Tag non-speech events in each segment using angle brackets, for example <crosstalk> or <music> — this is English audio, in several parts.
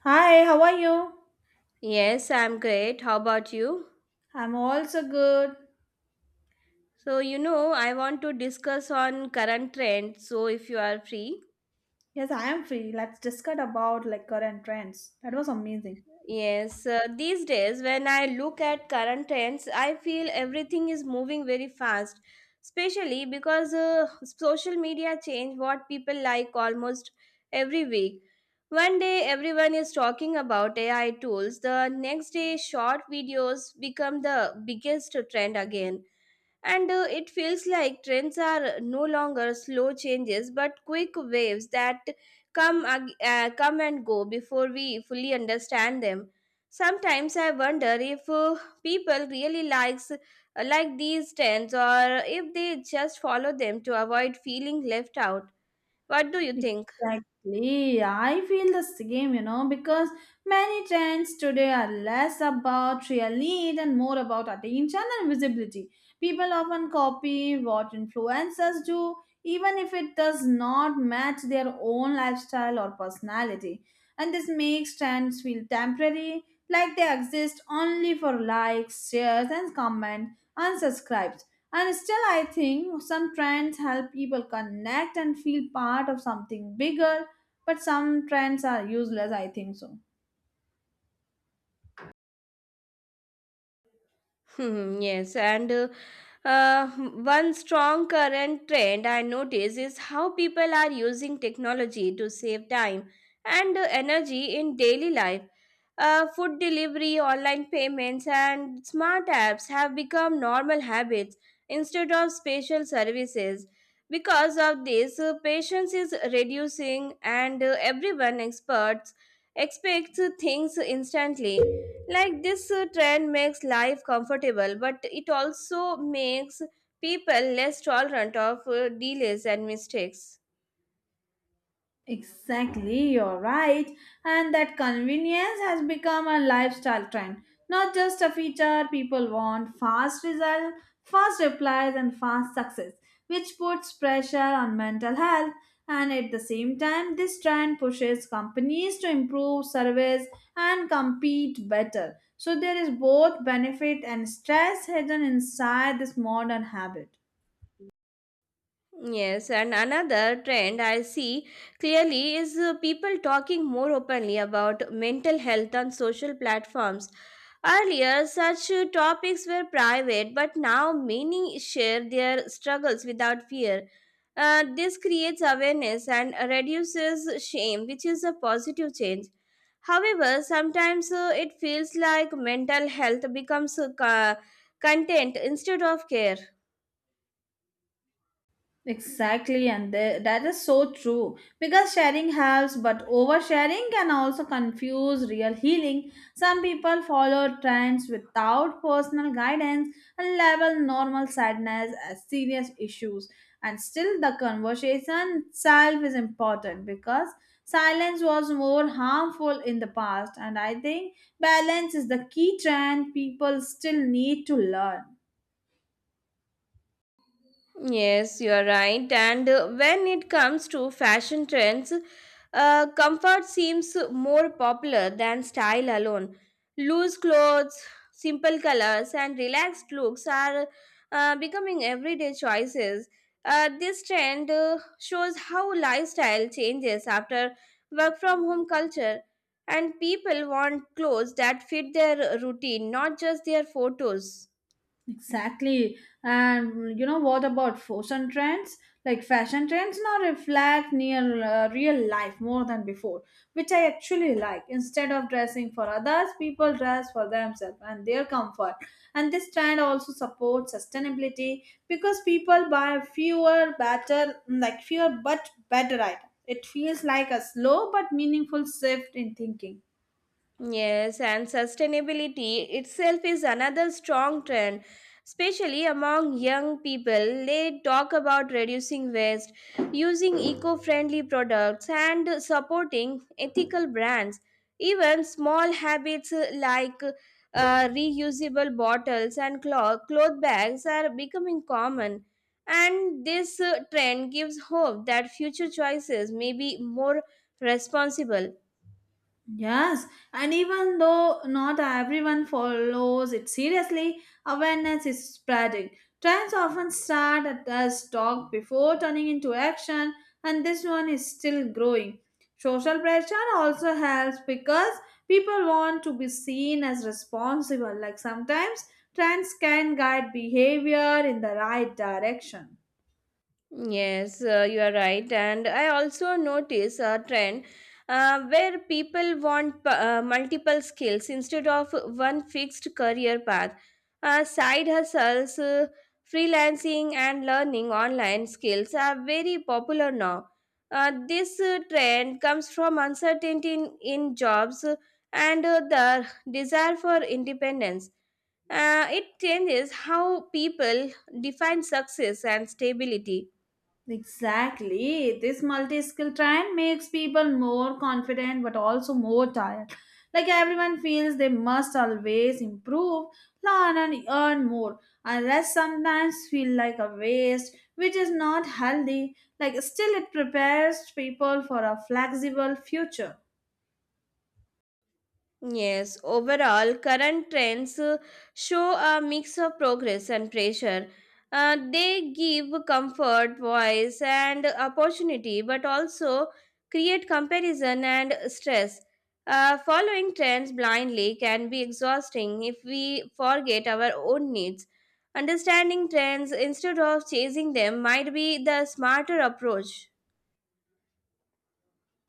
Hi, how are you? Yes, I'm great. How about you? I'm also good. So, I want to discuss on current trends. So, if you are free. Yes, I am free. Let's discuss about like current trends. That was amazing. Yes, these days when I look at current trends, I feel everything is moving very fast, especially because social media change what people like almost every week. One day everyone is talking about AI tools, the next day short videos become the biggest trend again. And it feels like trends are no longer slow changes but quick waves that come and go before we fully understand them. Sometimes I wonder if people really likes these trends or if they just follow them to avoid feeling left out. What do you think? Exactly. I feel the same, you know, because many trends today are less about real need and more about attention and visibility. People often copy what influencers do, even if it does not match their own lifestyle or personality. And this makes trends feel temporary, like they exist only for likes, shares, and comments, and subscribes. And still, I think some trends help people connect and feel part of something bigger, but some trends are useless, I think so. Hmm, yes, and uh, one strong current trend I notice is how people are using technology to save time and energy in daily life. Food delivery, online payments, and smart apps have become normal habits instead of special services. Because of this, patience is reducing, and everyone experts expects things instantly, like this trend makes life comfortable, but it also makes people less tolerant of delays and mistakes. Exactly, you're right. And that convenience has become a lifestyle trend, not just a feature. People want fast result, fast replies, and fast success, which puts pressure on mental health. And at the same time, this trend pushes companies to improve service and compete better. So there is both benefit and stress hidden inside this modern habit. Yes, and another trend I see clearly is, people talking more openly about mental health on social platforms. Earlier, such topics were private, but now many share their struggles without fear. This creates awareness and reduces shame, which is a positive change. However, sometimes it feels like mental health becomes content instead of care. Exactly, and that is so true because sharing helps, but oversharing can also confuse real healing. Some people follow trends without personal guidance and label normal sadness as serious issues. And still, the conversation itself is important because silence was more harmful in the past, and I think balance is the key trend people still need to learn. Yes, you are right. And when it comes to fashion trends, comfort seems more popular than style alone. Loose clothes, simple colors, and relaxed looks are becoming everyday choices. This trend shows how lifestyle changes after work from home culture, and people want clothes that fit their routine, not just their photos. Exactly. And you know what about fashion trends? Like fashion trends now reflect near real life more than before, which I actually like. Instead of dressing for others, people dress for themselves and their comfort. And this trend also supports sustainability because people buy fewer, better, like fewer but better items. It feels like a slow but meaningful shift in thinking. Yes, and sustainability itself is another strong trend, especially among young people. They talk about reducing waste, using eco friendly products, and supporting ethical brands. Even small habits like reusable bottles and cloth bags are becoming common. And this trend gives hope that future choices may be more responsible. Yes, and even though not everyone follows it seriously, awareness is spreading. Trends often start as talk before turning into action, and this one is still growing. Social pressure also helps because people want to be seen as responsible. Like sometimes, trends can guide behavior in the right direction. Yes, you are right. And I also notice a trend where people want multiple skills instead of one fixed career path. Side hustles, freelancing, and learning online skills are very popular now. This trend comes from uncertainty in jobs and the desire for independence. It changes how people define success and stability. Exactly. This multi skill trend makes people more confident but also more tired. Like everyone feels they must always improve, learn, and earn more, unless sometimes feel like a waste, which is not healthy. Like, still, it prepares people for a flexible future. Yes, overall, current trends show a mix of progress and pressure. They give comfort, voice, and opportunity, but also create comparison and stress. Following trends blindly can be exhausting if we forget our own needs. Understanding trends instead of chasing them might be the smarter approach.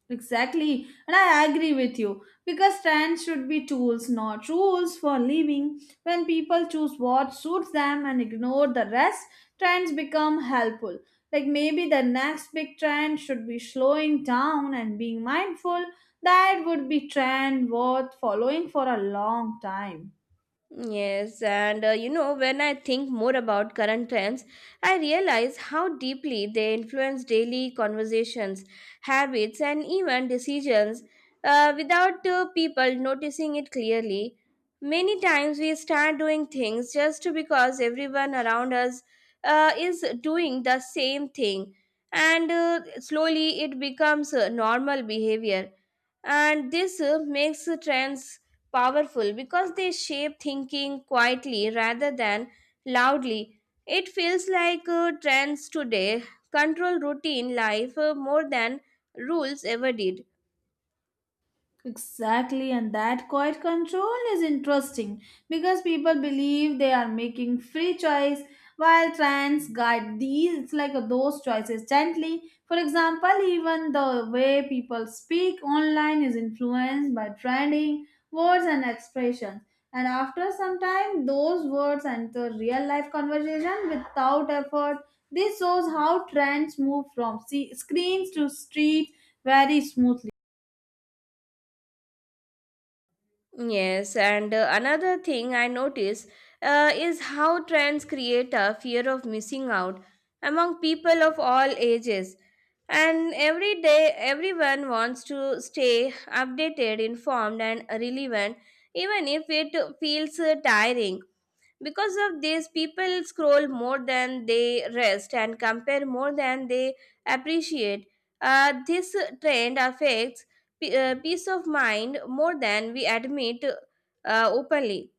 Exactly, and I agree with you because trends should be tools, not rules for living. When people choose what suits them and ignore the rest, trends become helpful. Like maybe the next big trend should be slowing down and being mindful. That would be trend worth following for a long time. Yes, and when I think more about current trends, I realize how deeply they influence daily conversations, habits, and even decisions without people noticing it clearly. Many times we start doing things just because everyone around us is doing the same thing, and slowly it becomes normal behavior, and this makes trends powerful because they shape thinking quietly rather than loudly. It feels like trends today control routine life more than rules ever did. Exactly, and that quiet control is interesting because people believe they are making free choice while trends guide these it's like those choices gently. For example, even the way people speak online is influenced by trending words and expressions. And after some time, those words enter real life conversation without effort. This shows how trends move from screens to street very smoothly. Yes, and another thing I notice is how trends create a fear of missing out among people of all ages. And every day, everyone wants to stay updated, informed, and relevant, even if it feels tiring. Because of this, people scroll more than they rest and compare more than they appreciate. This trend affects peace of mind more than we admit openly.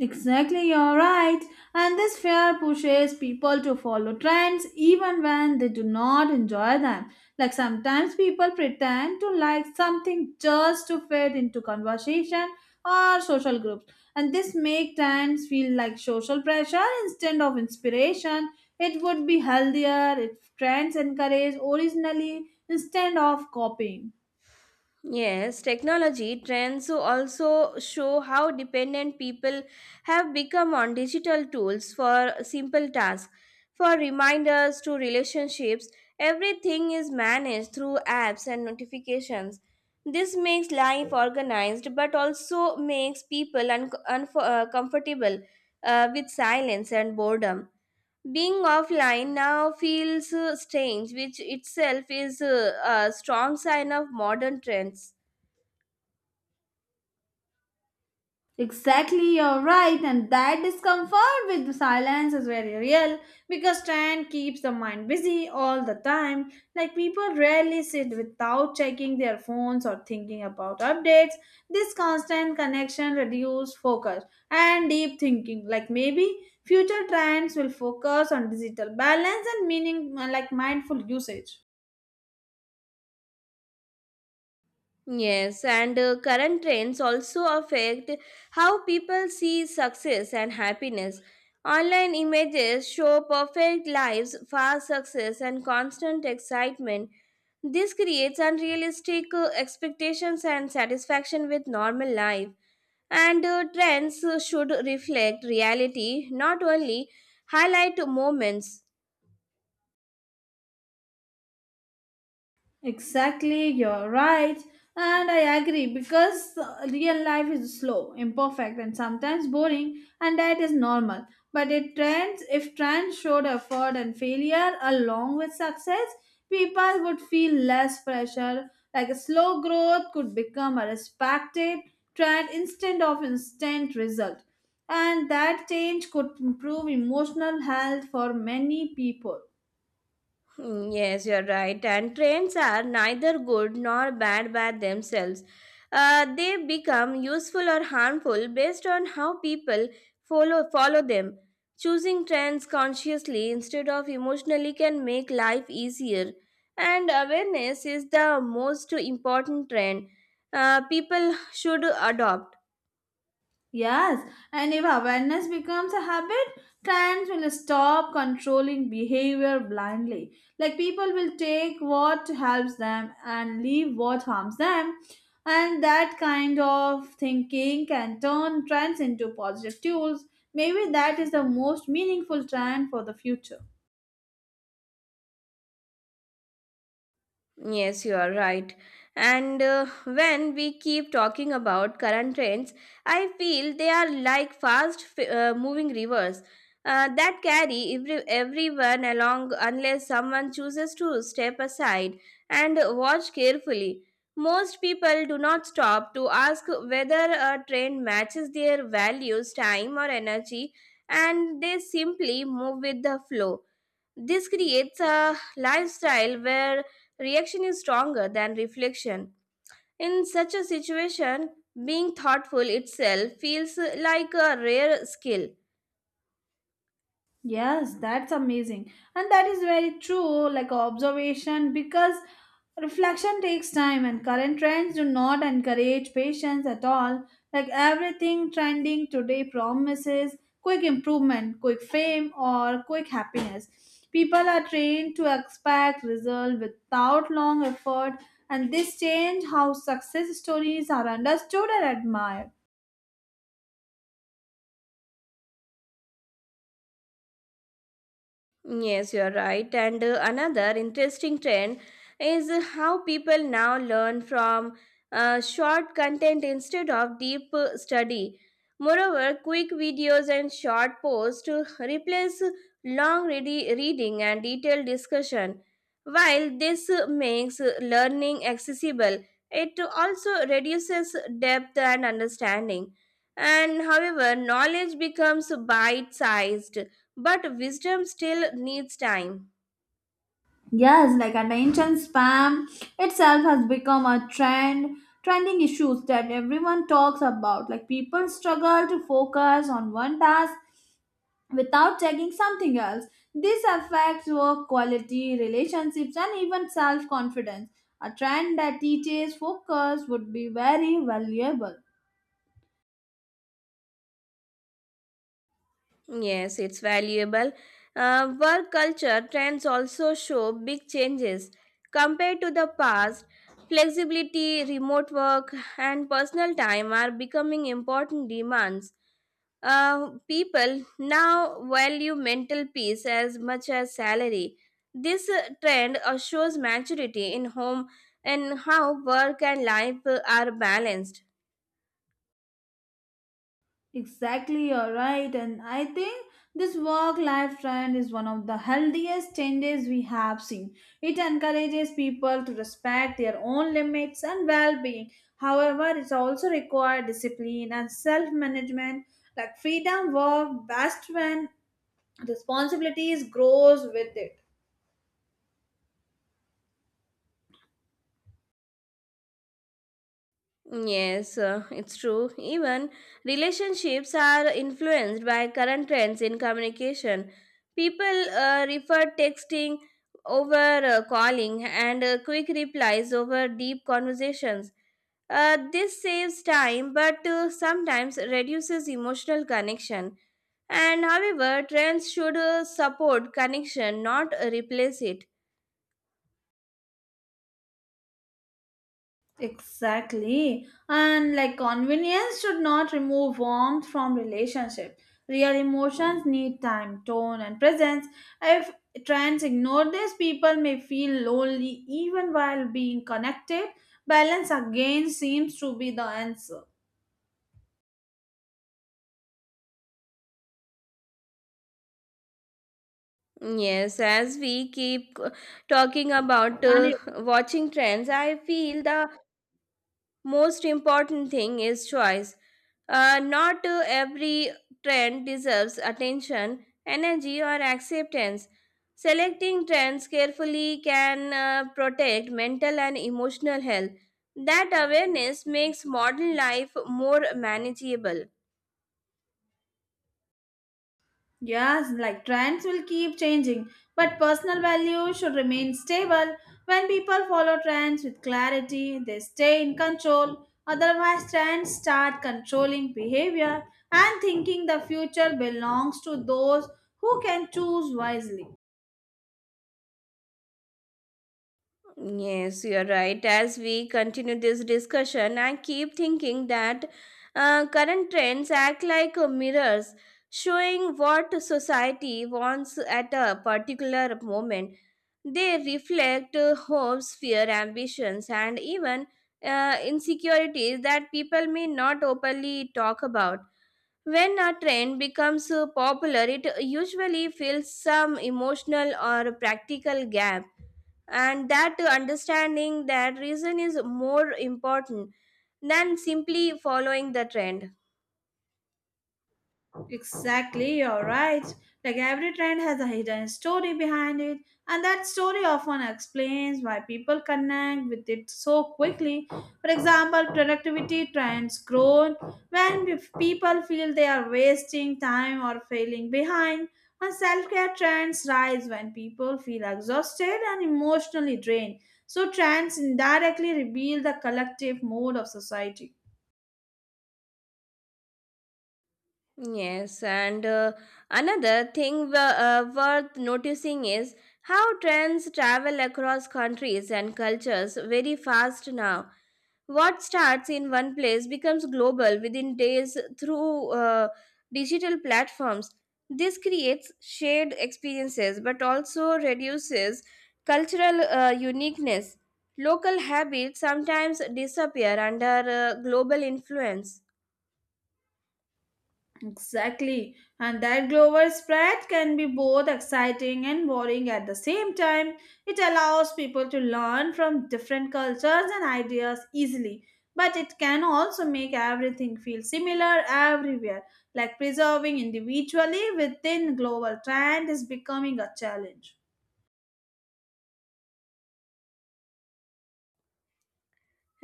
Exactly, you're right. And this fear pushes people to follow trends even when they do not enjoy them. Like sometimes people pretend to like something just to fit into conversation or social groups. And this makes trends feel like social pressure instead of inspiration. It would be healthier if trends encourage originally instead of copying. Yes, technology trends also show how dependent people have become on digital tools for simple tasks. For reminders to relationships, everything is managed through apps and notifications. This makes life organized but also makes people uncomfortable with silence and boredom. Being offline now feels strange, which itself is a strong sign of modern trends. Exactly, you're right, and that discomfort with the silence is very real because trend keeps the mind busy all the time. Like people rarely sit without checking their phones or thinking about updates. This constant connection reduces focus and deep thinking. Like maybe future trends will focus on digital balance and meaning like mindful usage. Yes, and current trends also affect how people see success and happiness. Online images show perfect lives, fast success, and constant excitement. This creates unrealistic expectations and satisfaction with normal life. And trends should reflect reality, not only highlight moments. Exactly, you're right. And I agree because real life is slow, imperfect, and sometimes boring, and that is normal. But it trends, if trends showed effort and failure along with success, people would feel less pressure. Like a slow growth could become a respected trend instead of instant result. And that change could improve emotional health for many people. Hmm, yes, you're right. And trains are neither good nor bad by themselves. They become useful or harmful based on how people follow them. Choosing trends consciously instead of emotionally can make life easier. And awareness is the most important trend people should adopt. Yes, and if awareness becomes a habit, trends will stop controlling behavior blindly. Like people will take what helps them and leave what harms them. And that kind of thinking can turn trends into positive tools. Maybe that is the most meaningful trend for the future. Yes, you are right. And when we keep talking about current trends, I feel they are like fast moving rivers that carry everyone along unless someone chooses to step aside and watch carefully. Most people do not stop to ask whether a trend matches their values, time, or energy, and they simply move with the flow. This creates a lifestyle where reaction is stronger than reflection. In such a situation, being thoughtful itself feels like a rare skill. Yes, that's amazing. And that is very true, like observation, because reflection takes time and current trends do not encourage patience at all. Like everything trending today promises quick improvement, quick fame, or quick happiness. People are trained to expect result without long effort, and this change how success stories are understood and admired. Yes, you are right. And another interesting trend is how people now learn from short content instead of deep study. Moreover, quick videos and short posts to replace long reading and detailed discussion. While this makes learning accessible, it also reduces depth and understanding. And however, knowledge becomes bite sized but wisdom still needs time. Yes, like attention spam itself has become a trend, trending issues that everyone talks about. Like people struggle to focus on one task without checking something else. This affects work quality, relationships, and even self confidence. A trend that teaches focus would be very valuable. Yes, it's valuable. Work culture trends also show big changes compared to the past. Flexibility, remote work, and personal time are becoming important demands. People now value mental peace as much as salary. This trend shows maturity in home and how work and life are balanced. Exactly, you're right. And I think this work life trend is one of the healthiest changes we have seen. It encourages people to respect their own limits and well being. However, it also requires discipline and self management, like freedom work best when responsibilities grows with it. Yes, it's true. Even relationships are influenced by current trends in communication. People refer texting over calling and quick replies over deep conversations. This saves time but sometimes reduces emotional connection. And however, trends should support connection, not replace it. Exactly. And like convenience should not remove warmth from relationship. Real emotions need time, tone and presence. If trends ignore this, people may feel lonely even while being connected. Balance again seems to be the answer. Yes, as we keep talking about And watching trends, I feel the most important thing is choice. Not every trend deserves attention, energy, or acceptance. Selecting trends carefully can protect mental and emotional health. That awareness makes modern life more manageable. yes, like trends will keep changing, but personal values should remain stable. When people follow trends with clarity, they stay in control. Otherwise, trends start controlling behavior and thinking the future belongs to those who can choose wisely. Yes, you're right. As we continue this discussion, I keep thinking that current trends act like mirrors, showing what society wants at a particular moment. They reflect hopes, fear, ambitions, and even insecurities that people may not openly talk about. When a trend becomes popular, it usually fills some emotional or practical gap, and that understanding that reason is more important than simply following the trend. Exactly, you're right. Like every trend has a hidden story behind it, and that story often explains why people connect with it so quickly. For example, productivity trends grow when if people feel they are wasting time or failing behind, and self care trends rise when people feel exhausted and emotionally drained. So, trends indirectly reveal the collective mood of society. Yes, and another thing worth noticing is how trends travel across countries and cultures very fast now. What starts in one place becomes global within days through digital platforms. This creates shared experiences but also reduces cultural uniqueness. Local habits sometimes disappear under global influence. Exactly. And that global spread can be both exciting and boring at the same time. It allows people to learn from different cultures and ideas easily. But it can also make everything feel similar everywhere, like preserving individually within global trend is becoming a challenge.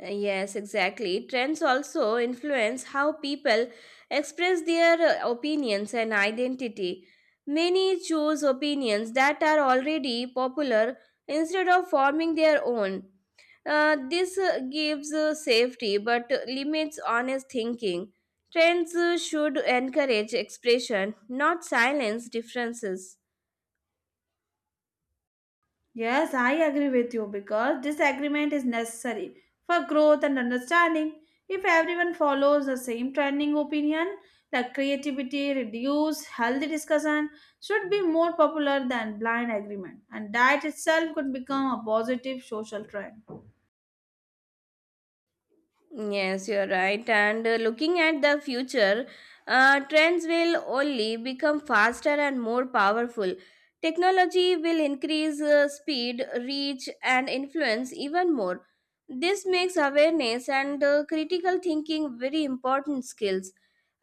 Yes, exactly. Trends also influence how people express their opinions and identity. Many choose opinions that are already popular instead of forming their own. This gives safety but limits honest thinking. Trends should encourage expression, not silence differences. Yes, I agree with you because disagreement is necessary for growth and understanding. If everyone follows the same trending opinion, the creativity reduce, healthy discussion should be more popular than blind agreement, and that itself could become a positive social trend. Yes, you're right. And looking at the future, trends will only become faster and more powerful. Technology will increase speed, reach, and influence even more. This makes awareness and critical thinking very important skills.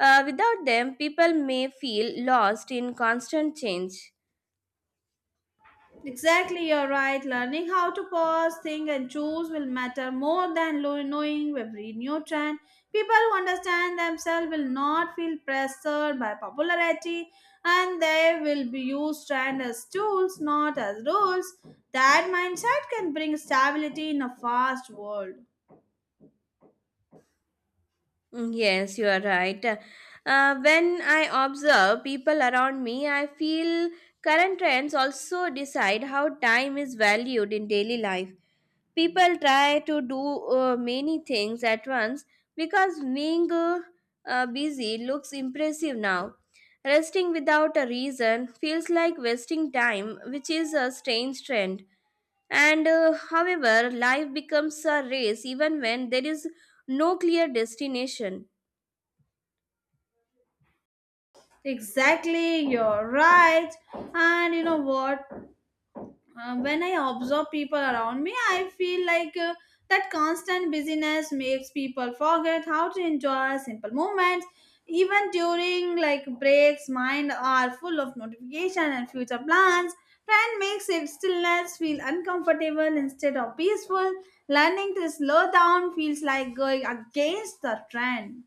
Without them, people may feel lost in constant change. Exactly, you're right. Learning how to pause, think, and choose will matter more than knowing every new trend. People who understand themselves will not feel pressured by popularity and they will be used trend as tools, not as rules. That mindset can bring stability in a fast world. Mm, yes, you are right. When I observe people around me, I feel current trends also decide how time is valued in daily life. People try to do many things at once because being busy looks impressive now. Resting without a reason feels like wasting time, which is a strange trend. And however, life becomes a race even when there is no clear destination. Exactly, you're right. And you know what? When I observe people around me, I feel like that constant busyness makes people forget how to enjoy simple moments. Even during like breaks, mind are full of notification and future plans. Trend makes it stillness feel uncomfortable instead of peaceful. Learning to slow down feels like going against the trend.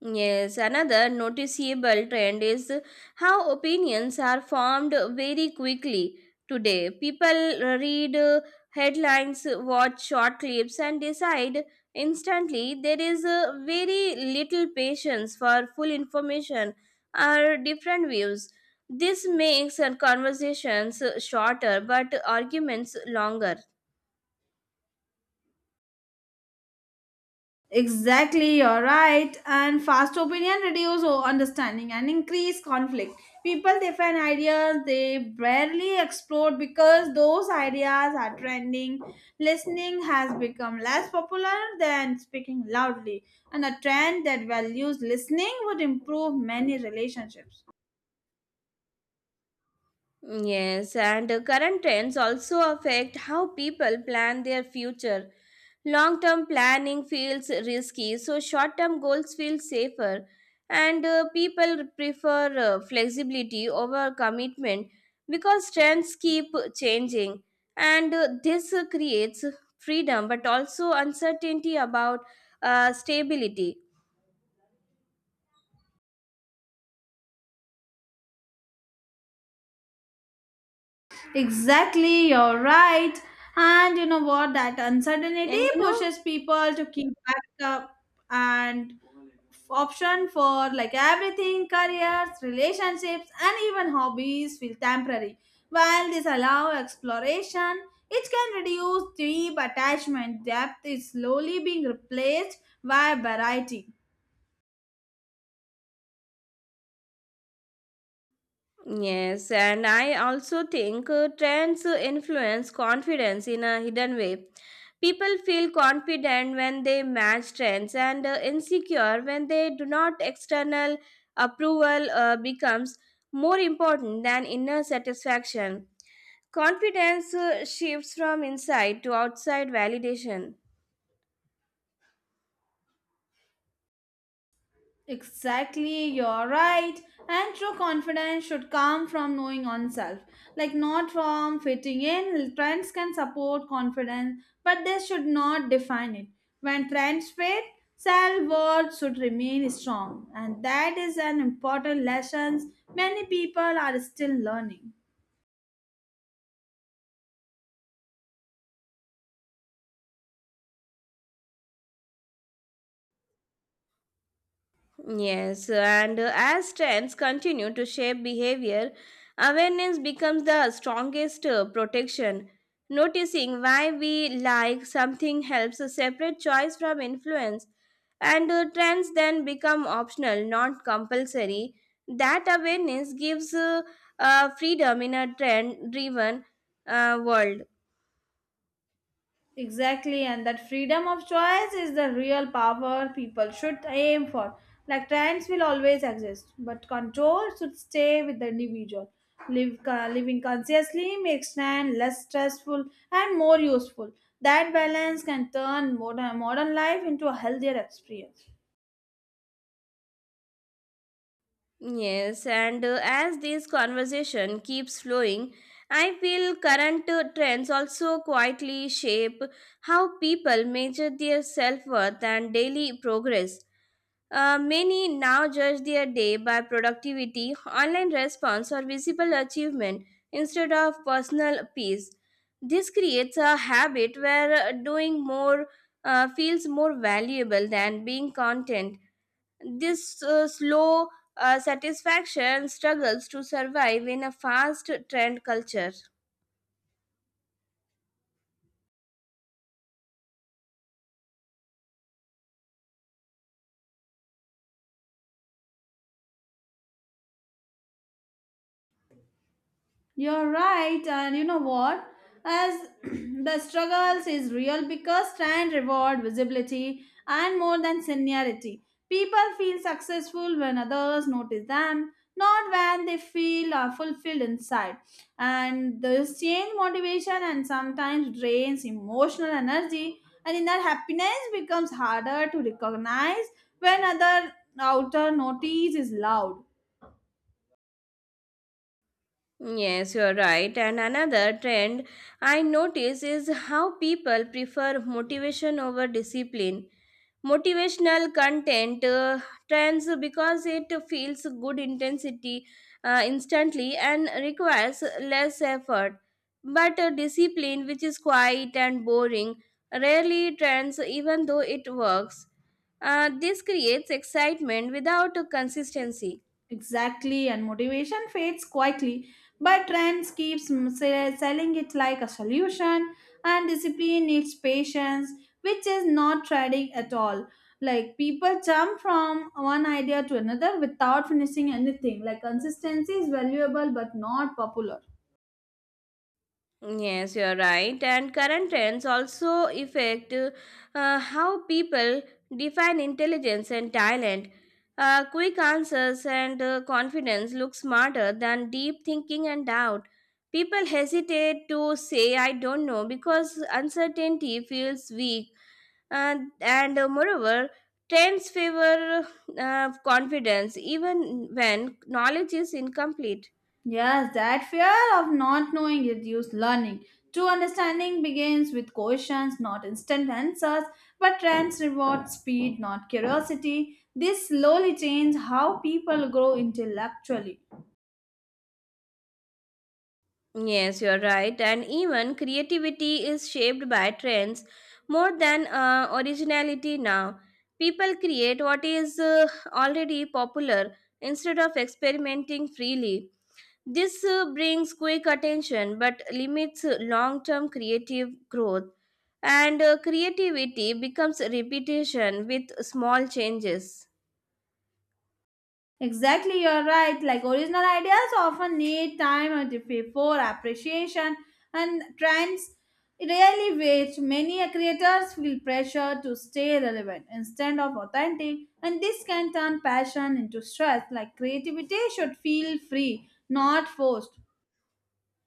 Yes, another noticeable trend is how opinions are formed very quickly today. People read headlines, watch short clips, and decide instantly. There is very little patience for full information or different views. This makes conversations shorter but arguments longer. Exactly, you're right. And fast opinion reduce understanding and increase conflict. People they ideas they barely explore because those ideas are trending. Listening has become less popular than speaking loudly, and a trend that values listening would improve many relationships. Yes, and current trends also affect how people plan their future. Long term planning feels risky, so short term goals feel safer, and people prefer flexibility over commitment because trends keep changing. And this creates freedom but also uncertainty about stability. Exactly, you're right. And you know what? That uncertainty And you know, pushes people to keep back up and option for like everything careers, relationships, and even hobbies feel temporary. While this allow exploration, it can reduce deep attachment. Depth is slowly being replaced by variety. yes, and I also think trends influence confidence in a hidden way. People feel confident when they match trends and insecure when they do not. External approval becomes more important than inner satisfaction. Confidence shifts from inside to outside validation. Exactly, you're right. And true confidence should come from knowing oneself, like not from fitting in. Trends can support confidence, but they should not define it. When trends fade, self worth should remain strong, and that is an important lesson many people are still learning. Yes, and as trends continue to shape behavior, awareness becomes the strongest protection. Noticing why we like something helps us separate choice from influence, and trends then become optional, not compulsory. That awareness gives freedom in a trend driven world. Exactly, and that freedom of choice is the real power people should aim for. Like trends will always exist, but control should stay with the individual. Living consciously makes trend less stressful and more useful. That balance can turn modern life into a healthier experience. Yes, and as this conversation keeps flowing, I feel current trends also quietly shape how people measure their self worth and daily progress. Many now judge their day by productivity, online response, or visible achievement instead of personal peace. This creates a habit where doing more feels more valuable than being content. This slow satisfaction struggles to survive in a fast trend culture. You're right, and you know what? As <clears throat> the struggles is real because trend reward visibility and more than seniority. People feel successful when others notice them, not when they feel fulfilled inside. And this change motivation and sometimes drains emotional energy, and inner happiness becomes harder to recognize when other outer notice is loud. Yes, you're right. And another trend I notice is how people prefer motivation over discipline. Motivational content trends because it feels good intensity instantly and requires less effort, but a discipline which is quiet and boring rarely trends even though it works. This creates excitement without consistency. Exactly, and motivation fades quietly, but trends keeps selling it like a solution, and discipline needs patience, which is not trading at all. Like people jump from one idea to another without finishing anything. Like consistency is valuable but not popular. Yes, you're right. And current trends also affect how people define intelligence and talent. Quick answers and confidence look smarter than deep thinking and doubt. People hesitate to say, I don't know, because uncertainty feels weak. And Moreover, trends favor confidence even when knowledge is incomplete. Yes, that fear of not knowing reduces learning. True understanding begins with questions, not instant answers, but trends reward speed, not curiosity. This slowly changes how people grow intellectually. Yes, you're right. And even creativity is shaped by trends more than originality now. People create what is already popular instead of experimenting freely. This brings quick attention but limits long term creative growth. And creativity becomes repetition with small changes. Exactly, you're right. Like original ideas often need time and before appreciation and trends really wait. Many creators feel pressure to stay relevant instead of authentic, and this can turn passion into stress. Like creativity should feel free, not forced.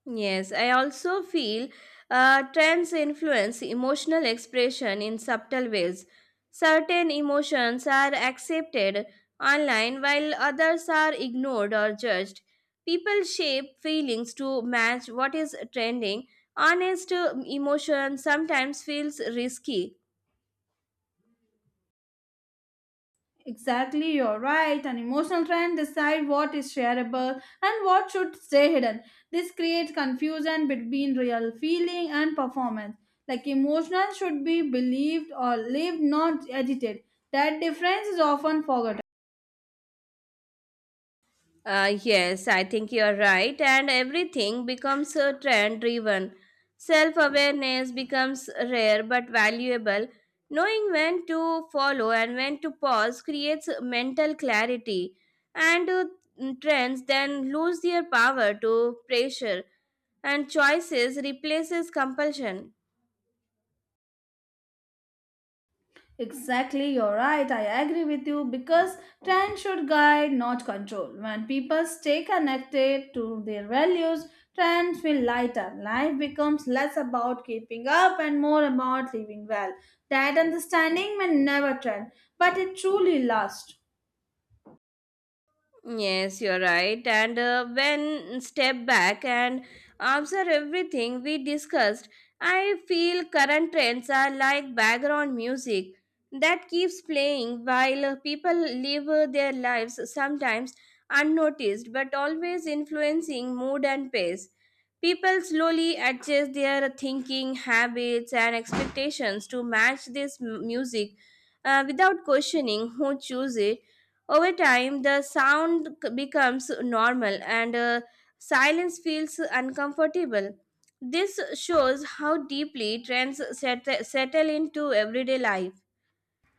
Yes, I also feel trends influence emotional expression in subtle ways. Certain emotions are accepted online while others are ignored or judged. People shape feelings to match what is trending. Honest emotion sometimes feels risky. Exactly, you're right. An emotional trend decide what is shareable and what should stay hidden. This creates confusion between real feeling and performance. Like emotional should be believed or lived, not edited. That difference is often forgotten. Yes, I think you're right, and everything becomes trend driven. Self awareness becomes rare but valuable. Knowing when to follow and when to pause creates mental clarity, and trends then lose their power to pressure, and choices replaces compulsion. Exactly, you're right. I agree with you because trend should guide, not control. When people stay connected to their values, trends feel lighter. Life becomes less about keeping up and more about living well. That understanding may never trend, but it truly lasts. Yes, you're right. And when step back and observe everything we discussed, I feel current trends are like background music that keeps playing while people live their lives, sometimes unnoticed but always influencing mood and pace. People slowly adjust their thinking, habits, and expectations to match this music without questioning who choose it. Over time, the sound becomes normal and silence feels uncomfortable. This shows how deeply trends settle into everyday life.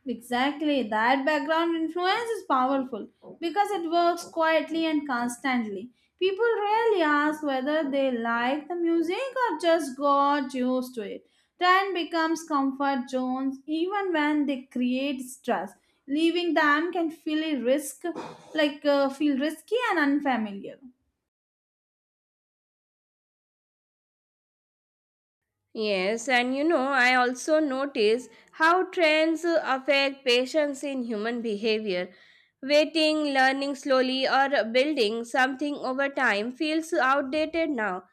Exactly, that background influence is powerful because it works quietly and constantly. People rarely ask whether they like the music or just got used to it. Trend becomes comfort zones even when they create stress. Leaving them can feel a risk, like feel risky and unfamiliar. Yes, and you know, I also notice how trends affect patience in human behavior. Waiting, learning slowly, or building something over time feels outdated now.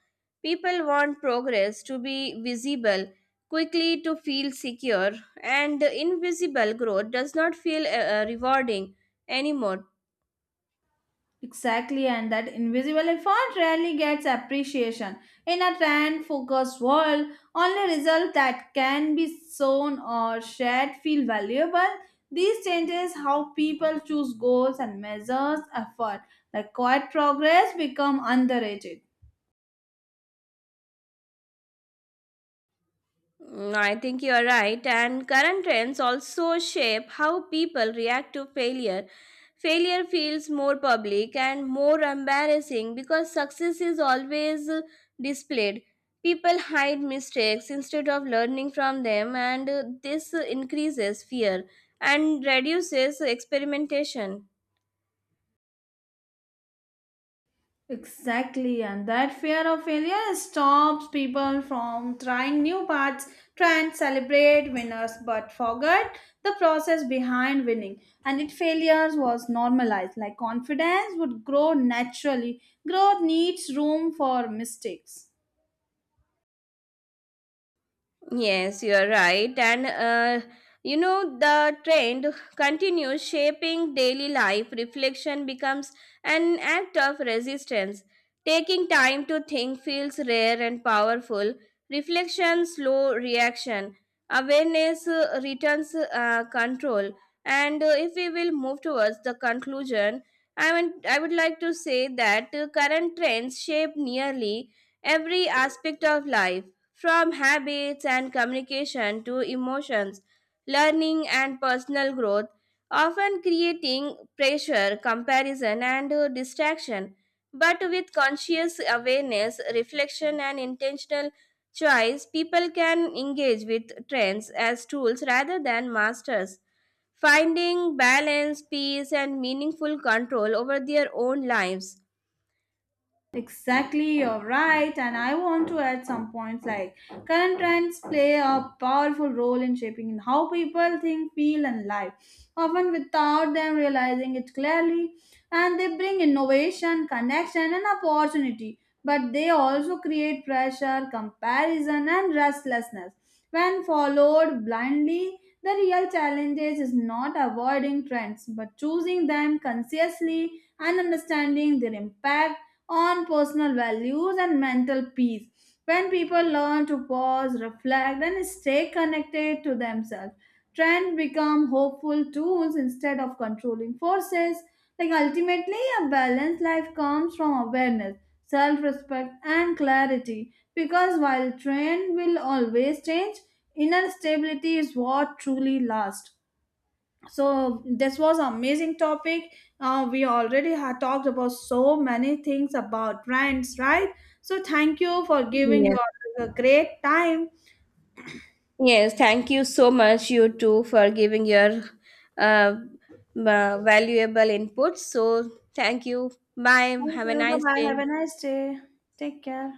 People want progress to be visible, quickly to feel secure, and invisible growth does not feel rewarding anymore. Exactly, and that invisible effort rarely gets appreciation. In a trend focused world, only results that can be shown or shared feel valuable. These changes how people choose goals and measures effort. The quiet progress become underrated. Mm, I think you are right, and current trends also shape how people react to failure. Failure feels more public and more embarrassing because success is always displayed. People hide mistakes instead of learning from them, and this increases fear and reduces experimentation. Exactly, and that fear of failure stops people from trying new paths, try and celebrate winners, but forget the process behind winning. And if failures was normalized, like confidence would grow naturally. Growth needs room for mistakes. Yes, you are right. And you know, the trend continues shaping daily life. Reflection becomes an act of resistance. Taking time to think feels rare and powerful. Reflection, slow reaction. Awareness returns control. And if we will move towards the conclusion, I mean, I would like to say that current trends shape nearly every aspect of life, from habits and communication to emotions, learning and personal growth, often creating pressure, comparison, and distraction. But with conscious awareness, reflection, and intentional choice, people can engage with trends as tools rather than masters, finding balance, peace, and meaningful control over their own lives. Exactly, you're right. And I want to add some points like current trends play a powerful role in shaping how people think, feel, and live, often without them realizing it clearly. And they bring innovation, connection, and opportunity, but they also create pressure, comparison, and restlessness. When followed blindly, the real challenge is not avoiding trends but choosing them consciously and understanding their impact on personal values and mental peace. When people learn to pause, reflect, and stay connected to themselves, trends become hopeful tools instead of controlling forces. Like ultimately, a balanced life comes from awareness, self respect, and clarity. Because while trend will always change, inner stability is what truly lasts. So this was amazing topic, we already had talked about so many things about brands, right? So thank you for giving Yes. your a great time. Yes, thank you so much, you too, for giving your uh, valuable input. So, thank you. Bye. Thank Have a you, bye nice bye, have day. a nice day. Take care.